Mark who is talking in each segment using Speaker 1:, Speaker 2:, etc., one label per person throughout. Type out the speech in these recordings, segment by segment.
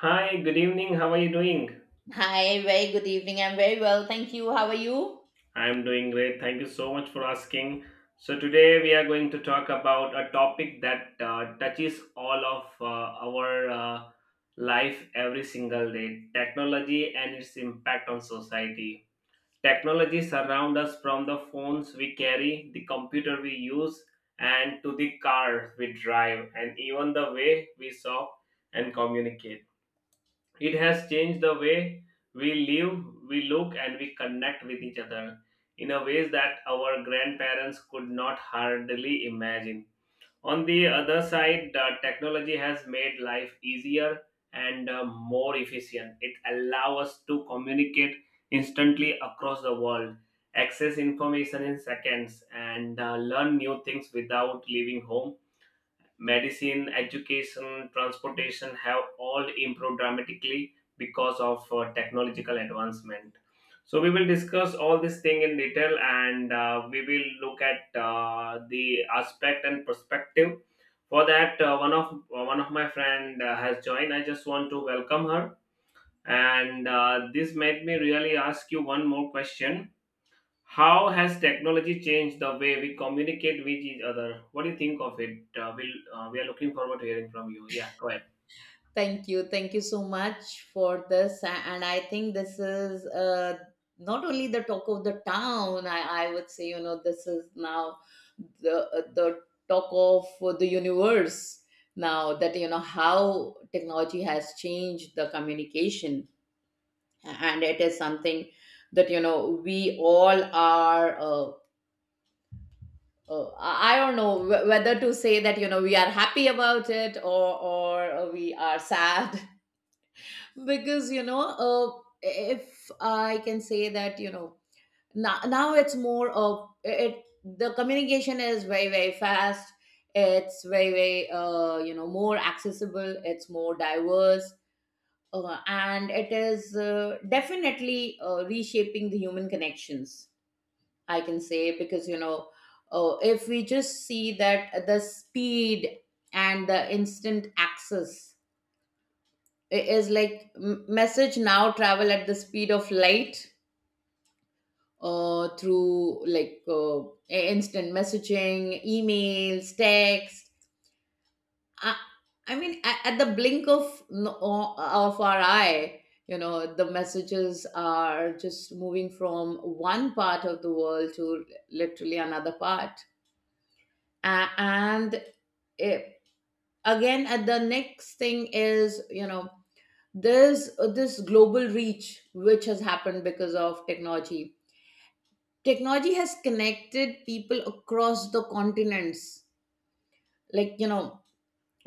Speaker 1: Hi, good evening. How are you doing?
Speaker 2: Hi, very good evening. I'm very well. Thank you. How are you?
Speaker 1: I'm doing great. Thank you so much for asking. So, today we are going to talk about a topic that touches all of our life every single day technology and its impact on society. Technology surrounds us from the phones we carry, the computer we use, and to the cars we drive, and even the way we shop and communicate. It has changed the way we live, we look, and we connect with each other in a ways that our grandparents could not hardly imagine. On the other side, the technology has made life easier and more efficient. It allows us to communicate instantly across the world, access information in seconds, and learn new things without leaving home. Medicine, education, transportation have all improved dramatically because of technological advancement. So we will discuss all this thing in detail, and we will look at the aspect and perspective. For that, one of my friend has joined. I just want to welcome her, and this made me really ask you one more question. How has technology changed the way we communicate with each other? What do you think of it? We are looking forward to hearing from you. Yeah, go ahead.
Speaker 2: Thank you. Thank you so much for this. And I think this is not only the talk of the town, I would say, you know, this is now the talk of the universe now that, you know, how technology has changed the communication. And it is something that, you know, we all are. I don't know whether to say that, you know, we are happy about it or we are sad because, you know, if I can say that, you know, now it's more of it. The communication is very, very fast. It's very very, you know, more accessible. It's more diverse, and it is definitely reshaping the human connections, I can say, because, you know, if we just see that the speed and the instant access is like message now travel at the speed of light, through like instant messaging, emails, text. I, I mean, at the blink of of our eye, you know, the messages are just moving from one part of the world to literally another part. And it, again, and the next thing is, you know, there's this global reach which has happened because of technology. Technology has connected people across the continents, like, you know,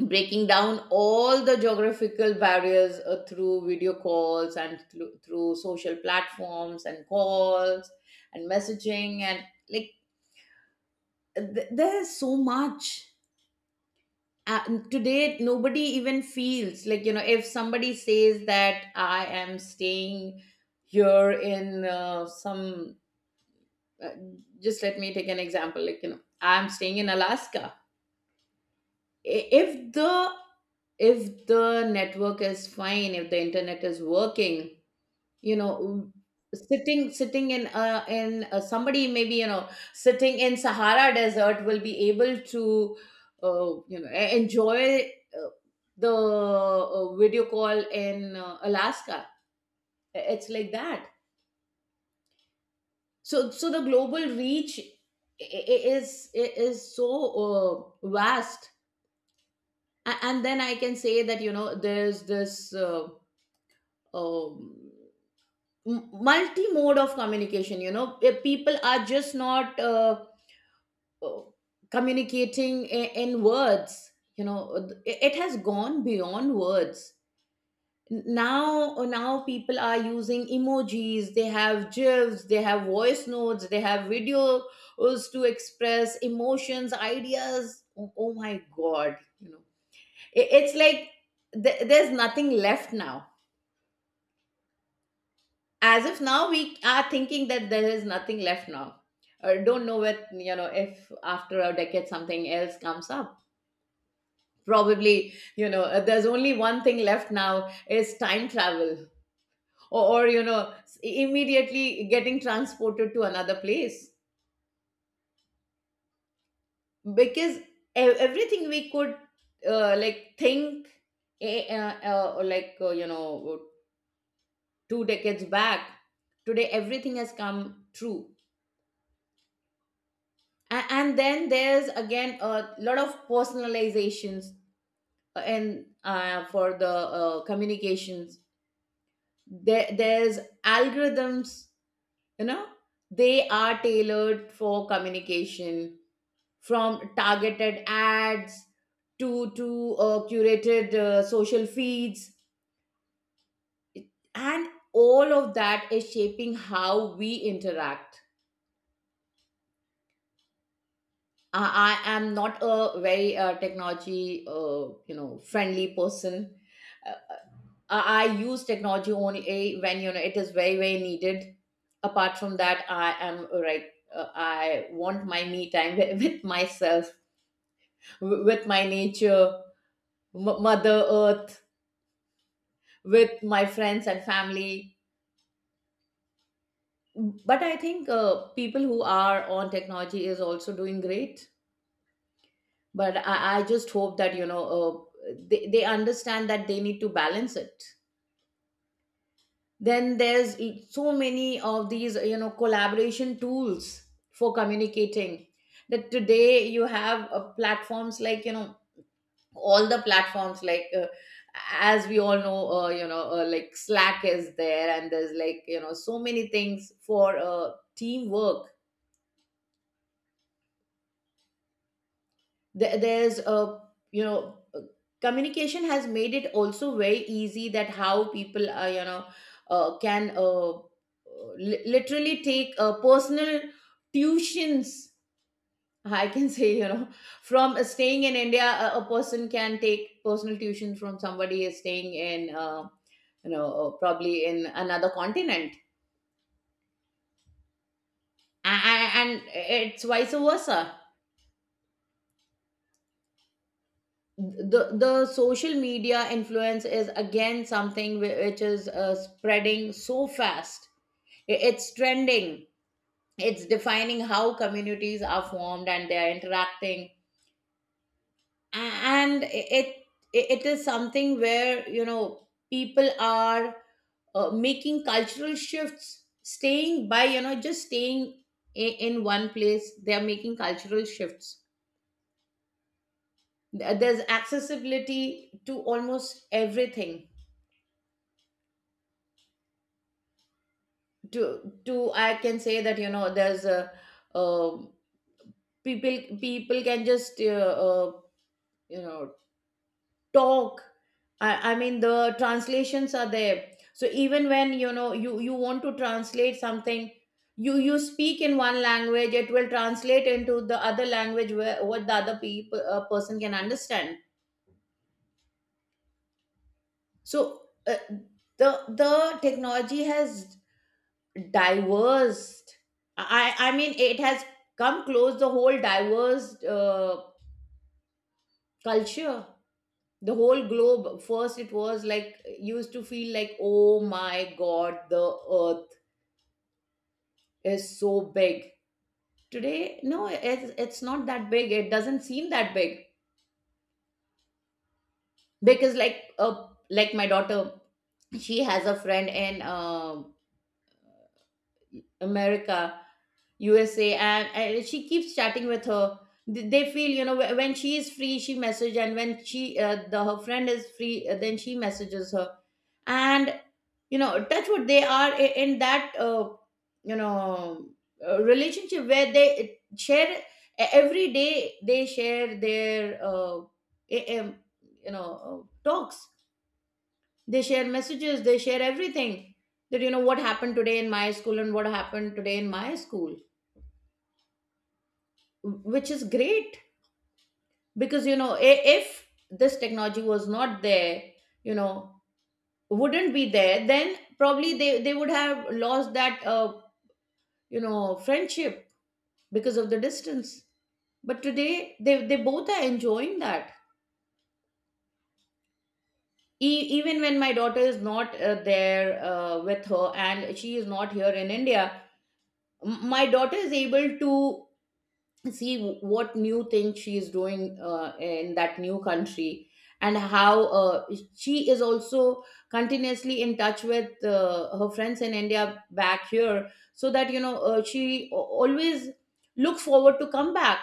Speaker 2: breaking down all the geographical barriers, through video calls and through social platforms and calls and messaging and like there's so much. uh, Today nobody even feels like, you know, if somebody says that I am staying here in some uh, just let me take an example, like, you know, I'm staying in Alaska. I- if the if the network is fine, if the internet is working, you know, sitting in somebody, maybe, you know, sitting in Sahara desert, will be able to you know, enjoy uh, the video call in Alaska. It's like that. So the global reach is so vast. And then I can say that, you know, there's this um, multi-mode of communication, you know. Eh, people are just not uh, communicating in words, you know. It has gone beyond words. Now, now people are using emojis, they have gifs, they have voice notes, they have videos to express emotions, ideas. Oh, oh my god, you know, it's like there's nothing left now. As of now, we are thinking that there is nothing left now, or don't know what, you know, if after a decade something else comes up. Probably, you know, there's only one thing left now, is time travel. Or, you know, immediately getting transported to another place, because everything we could like think, you know, two decades back, today everything has come true. And then there's again a lot of personalizations, and for the communications, there's algorithms, you know, they are tailored for communication, from targeted ads to curated social feeds, and all of that is shaping how we interact. I am not a very technology, you know, friendly person. Uh, I use technology only when, you know, it is very, very needed. Apart from that, I am right. Uh, I want my me time with myself, with my nature, mother earth, with my friends and family. But I think people who are on technology is also doing great. But I just hope that, you know, they understand that they need to balance it. Then there's so many of these, you know, collaboration tools for communicating, that today you have platforms like, you know, all the platforms like, as we all know, like Slack is there, and there's like, you know, so many things for teamwork. There's a, you know, communication has made it also very easy, that how people are, you know, uh, can uh, literally take personal tuitions, I can say, you know, from staying in India, a person can take personal tuition from somebody is staying in you know, probably in another continent. And it's vice versa. The social media influence is again something which is spreading so fast. It's trending. It's defining how communities are formed and they are interacting. A- and it is something where, you know, people are making cultural shifts, staying by, you know, just staying in one place they are making cultural shifts. There's accessibility to almost everything. To, I can say that, you know, there's a uh, people can just you know, talk. I mean the translations are there, so even when, you know, you want to translate something, you speak in one language, it will translate into the other language where what the other people person can understand. So the technology has diverse, I mean it has come close the whole diverse culture, the whole globe. First it was like, used to feel like, oh my god, the earth is so big. Today, no, it's not that big, it doesn't seem that big. Because like, like my daughter, she has a friend in America, USA, and she keeps chatting with her. They feel, you know, when she is free, she message, and when she the her friend is free, then she messages her, and, you know, touch what they are in that, you know, relationship where they share every day. They share their, i- im- you know, talks. They share messages. They share everything, that, you know, what happened today in my school and what happened today in my school, which is great. Because, you know, if this technology was not there, you know, wouldn't be there, then probably they would have lost that you know, friendship, because of the distance. But today they both are enjoying that. Even when my daughter is not there with her, and she is not here in India, my daughter is able to see what new thing she is doing in that new country. And how she is also continuously in touch with her friends in India back here, so that, you know, she always looks forward to come back.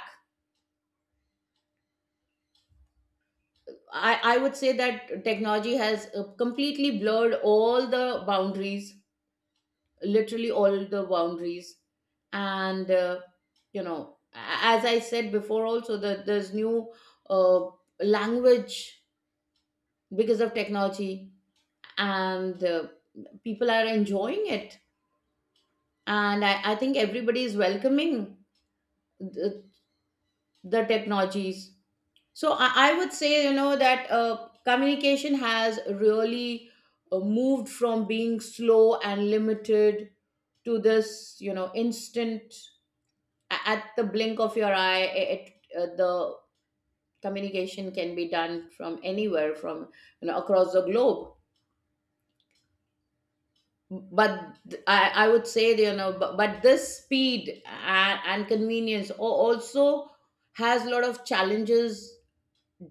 Speaker 2: I would say that technology has completely blurred all the boundaries, literally all the boundaries. And you know, as I said before also, that there's new uh, language because of technology, and people are enjoying it. And I think everybody is welcoming the, the technologies. So I would say, you know, that communication has really moved from being slow and limited to this, you know, instant. At the blink of your eye, I- it, the communication can be done from anywhere, from, you know, across the globe. But I would say that, you know, but this speed and convenience also has a lot of challenges,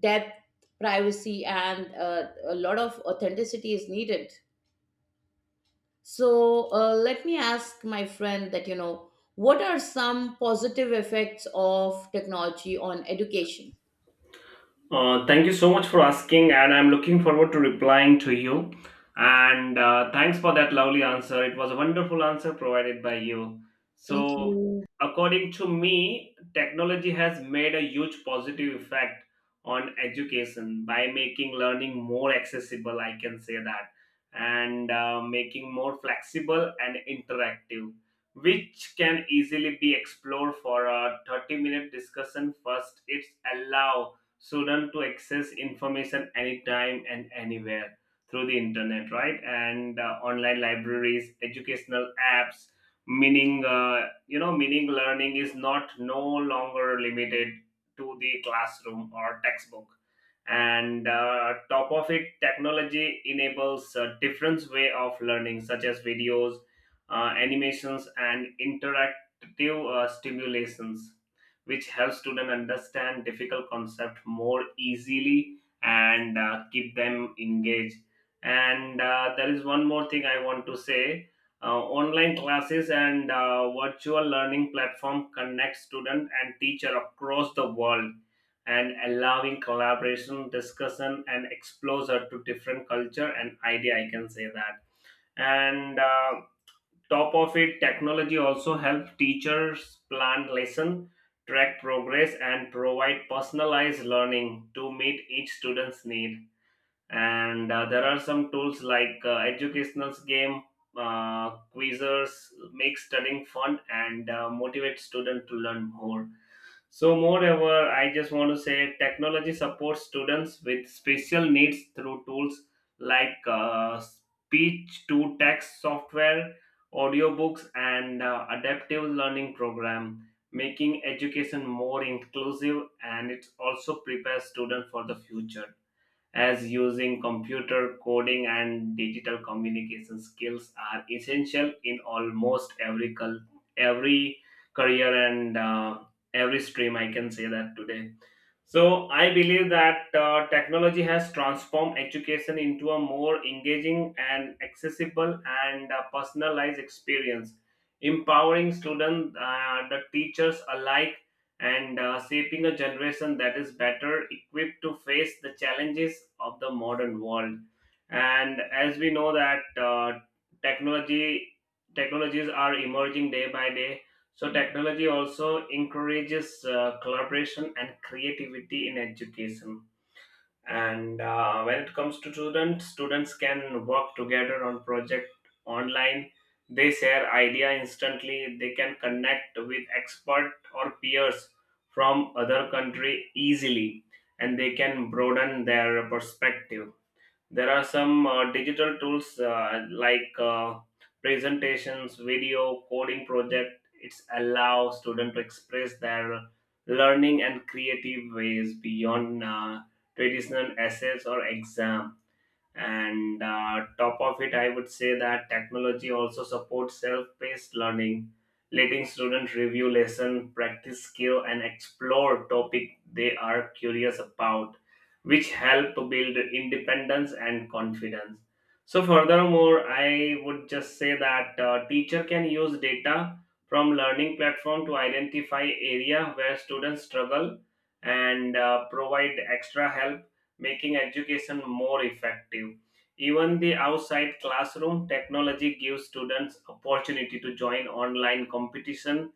Speaker 2: depth, privacy, and a lot of authenticity is needed. So let me ask my friend that, you know, what are some positive effects of technology on education.
Speaker 1: Thank you so much for asking, and I'm looking forward to replying to you. And thanks for that lovely answer. It was a wonderful answer provided by you.
Speaker 2: Thank
Speaker 1: So,
Speaker 2: you.
Speaker 1: according to me, technology has made a huge positive effect on education by making learning more accessible, I can say that, and making more flexible and interactive, which can easily be explored for a 30-minute discussion. First, it's allow student to access information anytime and anywhere through the internet, right? And online libraries, educational apps, meaning you know, meaning learning is not no longer limited to the classroom or textbook. And top of it, technology enables a different way of learning, such as videos, animations, and interactive stimulations, which helps students understand difficult concepts more easily and keep them engaged. And there is one more thing I want to say. Online classes and virtual learning platform connect student and teacher across the world and allowing collaboration, discussion, and exposure to different culture and idea. I can say that. And top of it, technology also helps teachers plan lesson, track progress, and provide personalized learning to meet each student's need. And there are some tools like educational game quizzes make studying fun and motivate students to learn more. So, moreover, I just want to say technology supports students with special needs through tools like speech to text software, audiobooks, and adaptive learning program, making education more inclusive. And it also prepares students for the future, as using computer coding and digital communication skills are essential in almost every every career and every stream, I can say that today. So I believe that technology has transformed education into a more engaging and accessible and personalized experience, empowering students the teachers alike, and shaping a generation that is better equipped to face the challenges of the modern world. And as we know that technology technologies are emerging day by day, so technology also encourages collaboration and creativity in education. And when it comes to students can work together on project online, they share idea instantly, they can connect with expert or peers from other country easily, and they can broaden their perspective. There are some digital tools like presentations, video, coding project. It's allow students to express their learning and creative ways beyond traditional essays or exam. And top of it, I would say that technology also supports self-paced learning, letting students review lesson, practice skill, and explore topic they are curious about, which help build independence and confidence. So furthermore, I would just say that teacher can use data from learning platform to identify area where students struggle and provide extra help, making education more effective. Even the outside classroom, technology gives students opportunity to join online competition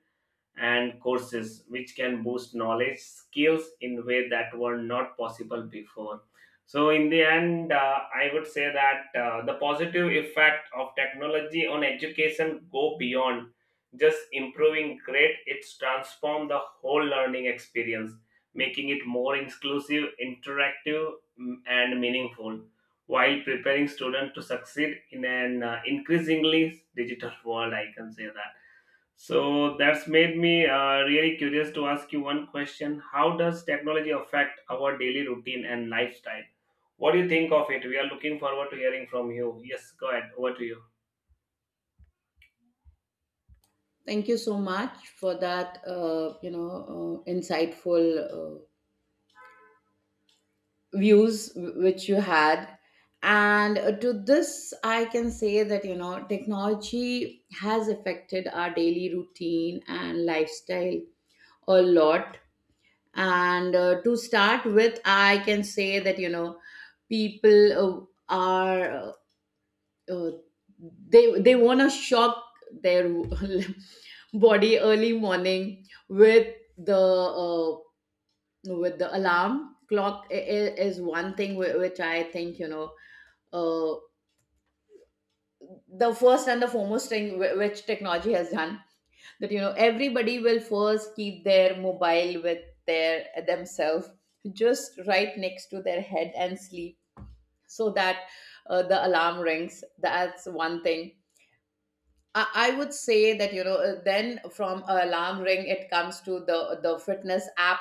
Speaker 1: and courses, which can boost knowledge skills in way that were not possible before. So in the end I would say that the positive effect of technology on education go beyond just improving grade. It's transformed the whole learning experience, making it more inclusive, interactive, and meaningful, while preparing students to succeed in an increasingly digital world, I can say that. So that's made me really curious to ask you one question. How does technology affect our daily routine and lifestyle? What do you think of it? We are looking forward to hearing from you. Yes, go ahead. Over to you.
Speaker 2: Thank you so much for that, insightful views which you had. And to this, I can say that, you know, technology has affected our daily routine and lifestyle a lot. And To start with, I can say that, you know, people are uh, they want to shock their body early morning with uh, the alarm clock is one thing which I think, you know, uh, the first and the foremost thing which technology has done. That you know, everybody will first keep their mobile with their themselves just right next to their head and sleep, so that the alarm rings. That's one thing I would say that, you know, then from alarm ring it comes to the fitness app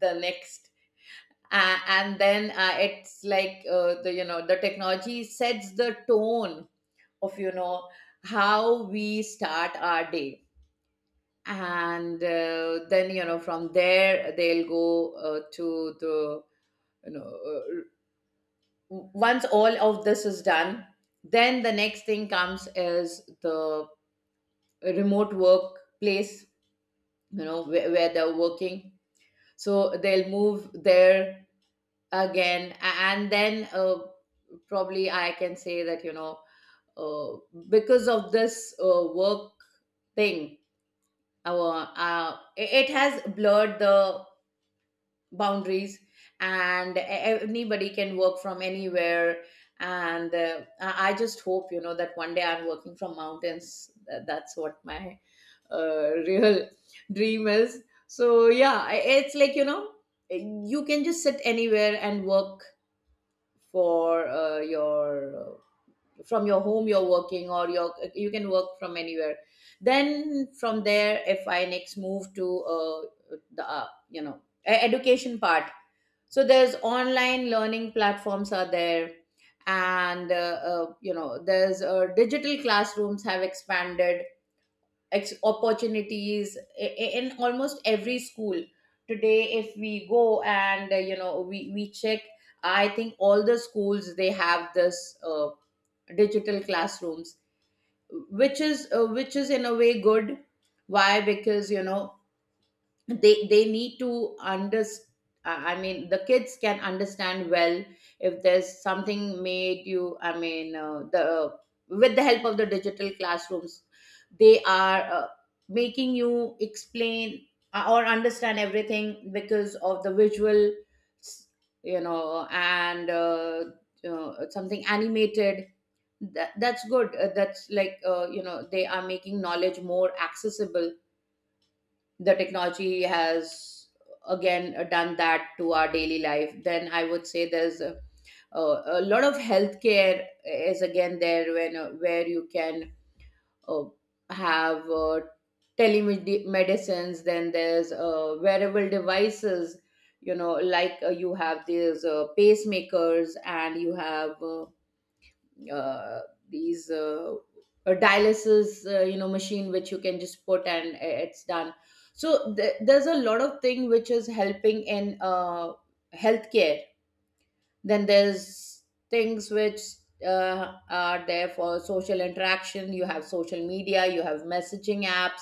Speaker 2: the next. And then, it's like, the, you know, the technology sets the tone of, you know, how we start our day. And then, you know, from there they'll go to the, you know uh, once all of this is done, then the next thing comes is the remote workplace, you know, where they're working, so they'll move there again. And then, probably I can say that, you know, uh, because of this work thing, our it it has blurred the boundaries, and anybody can work from anywhere. And I just hope, you know, that one day I'm working from mountains. That's what my real dream is. So yeah, it's like, you know, you can just sit anywhere and work for your uh, from your home you're working, or your, you can work from anywhere. Then from there, if I next move to uh, the you know, education part. So there's online learning platforms are there, and you know, there's digital classrooms have expanded opportunities in almost every school. Today if we go and, you know, we check, I think all the schools they have this digital classrooms, which is in a way good. Why? Because, you know, they need to understand. I mean, the kids can understand well if there's something made you, I mean, the, with the help of the digital classrooms they are making you explain or understand everything because of the visual, you know. And something animated, that's good. That's like, you know, they are making knowledge more accessible. The technology has again done that to our daily life. Then I would say there's a, a lot of healthcare is again there, when where you can uh, have telemedicines. Then there's wearable devices, you know, like, you have these pacemakers, and you have uh, these dialysis, you know, machine which you can just put and it's done. So there's a lot of thing which is helping in healthcare. Then there's things which are there for social interaction. You have social media, you have messaging apps.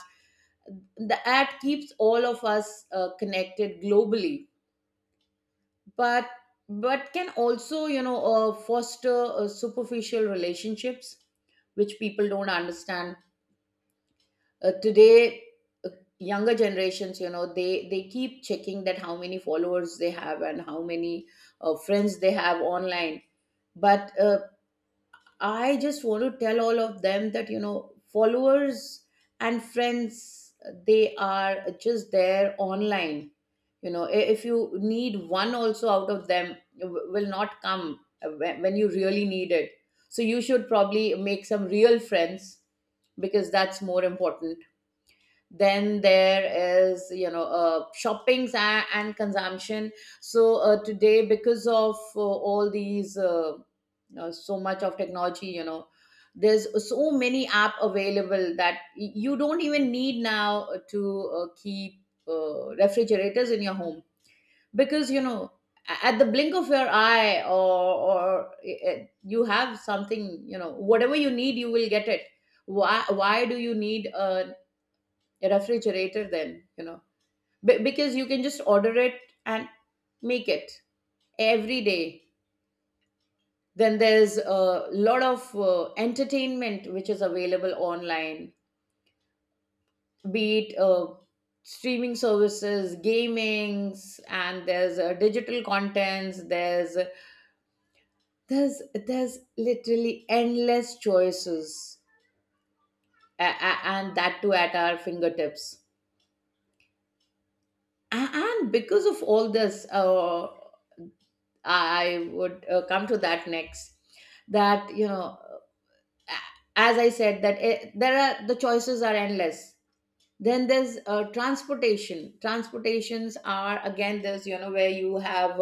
Speaker 2: The ad keeps all of us connected globally, but can also, you know, foster superficial relationships, which people don't understand. Today uh, younger generations, you know, they keep checking that how many followers they have and how many friends they have online. But I just want to tell all of them that, you know, followers and friends, they are just there online. You know, if you need one also out of them, will not come when you really need it. So you should probably make some real friends, because that's more important. Then there is, you know, shoppings and consumption. So today because of all these so much of technology, you know, there's so many app available that you don't even need now to keep refrigerators in your home, because, you know, at the blink of your eye, or you have something, you know, whatever you need you will get it. Why do you need a refrigerator then, you know? Because you can just order it and make it every day. Then there's a lot of entertainment which is available online, be it streaming services, gamings, and there's digital contents. There's there's literally endless choices, and that too at our fingertips. And because of all this, I would come to that next. That you know, as I said, that the choices are endless. Then there's transportation. Transportations are again, there's, you know, where you have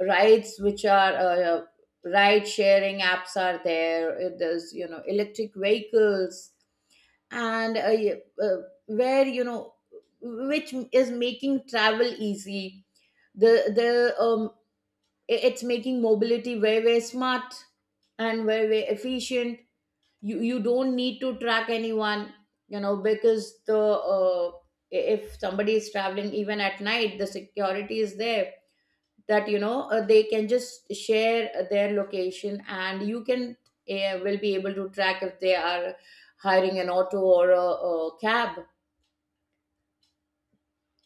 Speaker 2: rides which are ride sharing apps are there. There's, you know, electric vehicles, and yeah, uh, where you know, which is making travel easy. the the um, it's making mobility very, very smart, and very, very efficient. You don't need to track anyone, you know, because uh, if somebody is traveling even at night, the security is there. That, you know, they can just share their location, and you can will be able to track if they are hiring an auto or a cab.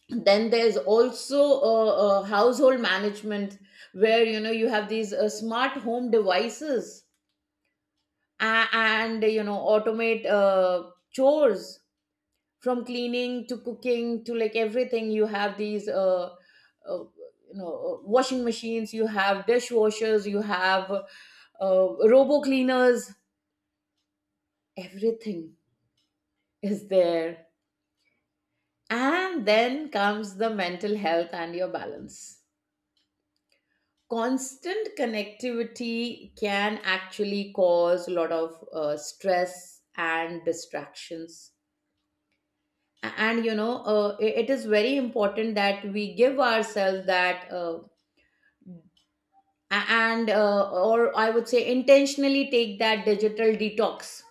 Speaker 2: Then there's also household management, where, you know, you have these smart home devices, and you know, automate chores, from cleaning to cooking to like everything. You have these washing machines, you have dishwashers, you have robo cleaners. Everything is there. And then comes the mental health and your balance. Constant connectivity can actually cause a lot of stress and distractions. And, you know, it is very important that we give ourselves that and or I would say intentionally take that digital detox.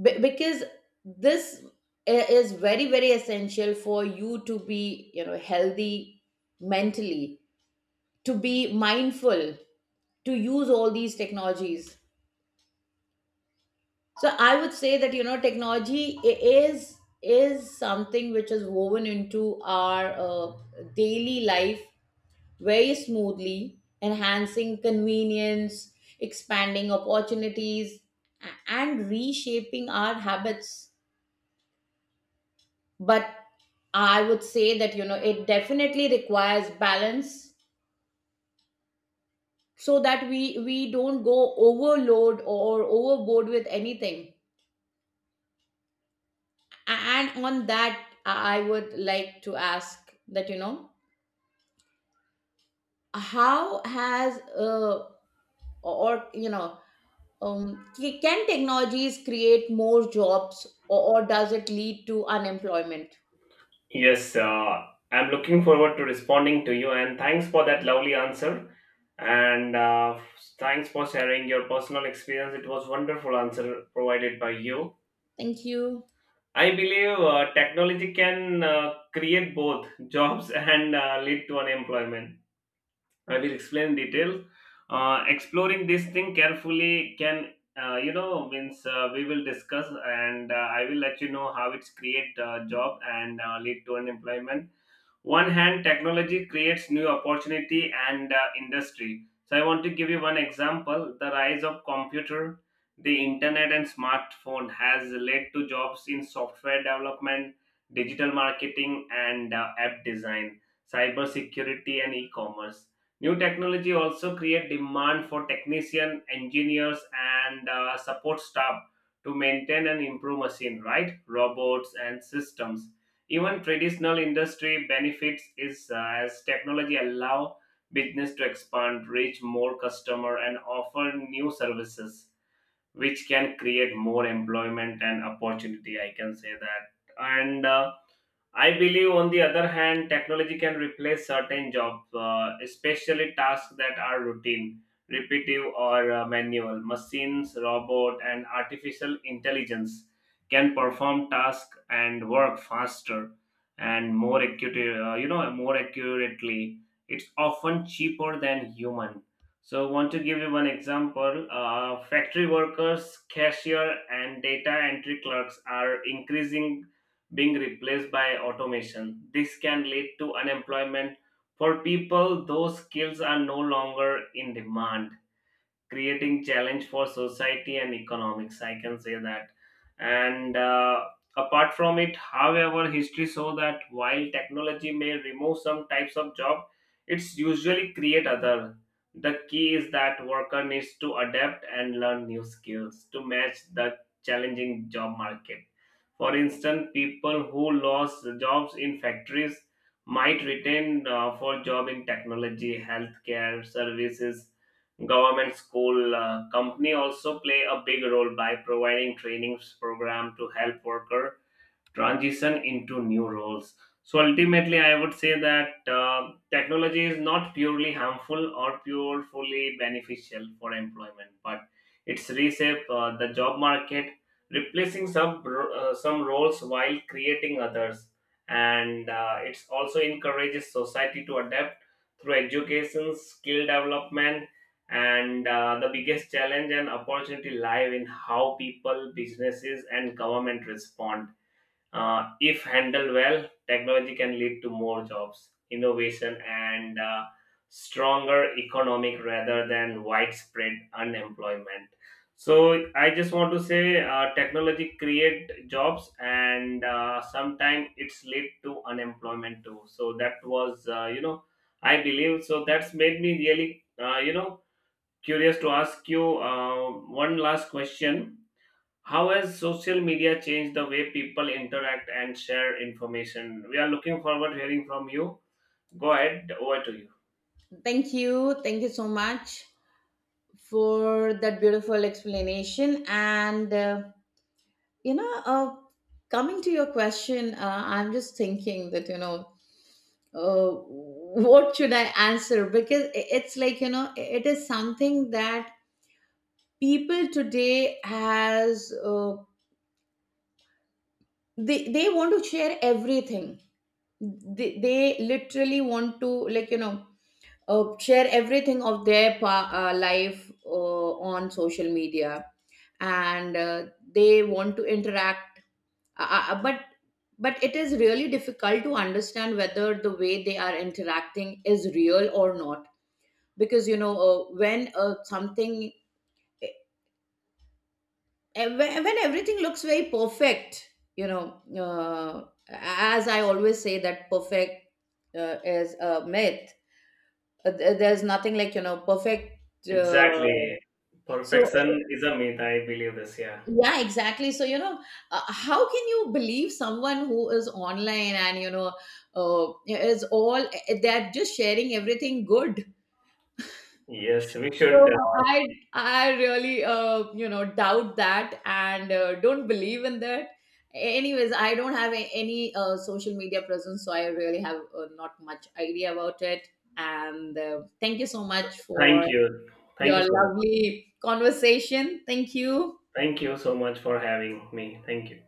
Speaker 2: Because this is very, very essential for you to be, you know, healthy mentally, to be mindful, to use all these technologies. So I would say that, you know, technology i- is is something which is woven into our daily life very smoothly, enhancing convenience, expanding opportunities, and reshaping our habits. But I would say that, you know, it definitely requires balance, so that we don't go overload or overboard with anything. And on that, I would like to ask that, you know, how has or you know c- can technologies create more jobs, or does it lead to unemployment?
Speaker 1: Yes, I'm looking forward to responding to you, and thanks for that lovely answer. And thanks for sharing your personal experience. It was wonderful answer provided by you.
Speaker 2: Thank you.
Speaker 1: I believe technology can create both jobs and lead to unemployment. I will explain in detail. Exploring this thing carefully can, you know, means we will discuss and I will let you know how it's create job and lead to unemployment. One hand, technology creates new opportunity and industry, so I want to give you one example. The rise of computer, the internet and smartphone has led to jobs in software development, digital marketing, and app design, cyber security and e-commerce. New technology also create demand for technician, engineers, and support staff to maintain and improve machine, right, robots and systems. Even traditional industry benefits is as technology allow business to expand, reach more customer, and offer new services, which can create more employment and opportunity. I can say that, and I believe, on the other hand, technology can replace certain jobs, especially tasks that are routine, repetitive, or manual. Machines, robot, and artificial intelligence can perform tasks and work faster and more accurate, you know, more accurately. It's often cheaper than human. So, want to give you one example. Factory workers, cashier, and data entry clerks are increasing being replaced by automation. This can lead to unemployment for people those skills are no longer in demand, creating challenge for society and economics, I can say that. And apart from it, however, history show that while technology may remove some types of job, it's usually create other. The key is that worker needs to adapt and learn new skills to match the challenging job market. For instance, people who lost jobs in factories might retain for job in technology, healthcare services, government, school, company also play a big role by providing trainings program to help worker transition into new roles. So ultimately, I would say that technology is not purely harmful or purely beneficial for employment, but it's reshape the job market, replacing some roles while creating others, and it's also encourages society to adapt through education, skill development, and the biggest challenge and opportunity lies in how people, businesses, and government respond. Uh, if handled well, technology can lead to more jobs, innovation, and stronger economic rather than widespread unemployment. So I just want to say, technology create jobs, and sometimes it's lead to unemployment too. So that was, you know, I believe. So that's made me really, you know, curious to ask you one last question. How has social media changed the way people interact and share information? We are looking forward to hearing from you. Go ahead, over to you.
Speaker 2: Thank you so much for that beautiful explanation. And, you know, uh, coming to your question, I'm just thinking that, you know, uh, what should I answer? Because it's like, you know, it is something that people today has, they want to share everything. They literally want to, like, you know, share everything of their life on social media. And they want to interact, uh, uh, uh, but but it is really difficult to understand whether the way they are interacting is real or not. Because, you know, when something eh, when everything looks very perfect, you know, as I always say that perfect is a myth. There's nothing like, you know, perfect.
Speaker 1: Exactly.
Speaker 2: So uh,
Speaker 1: Perfection is a myth. I believe this. Yeah.
Speaker 2: yeah, exactly. So, you know, how can you believe someone who is online, and, you know, they're just sharing everything good.
Speaker 1: Yes, we
Speaker 2: So
Speaker 1: should.
Speaker 2: I really, you know, doubt that, and don't believe in that. Anyways, I don't have any social media presence, so I really have, not much idea about it. And thank you so much for
Speaker 1: Thank you. Thank
Speaker 2: your
Speaker 1: you so much.
Speaker 2: lovely conversation. Thank you.
Speaker 1: Thank you so much for having me. Thank you.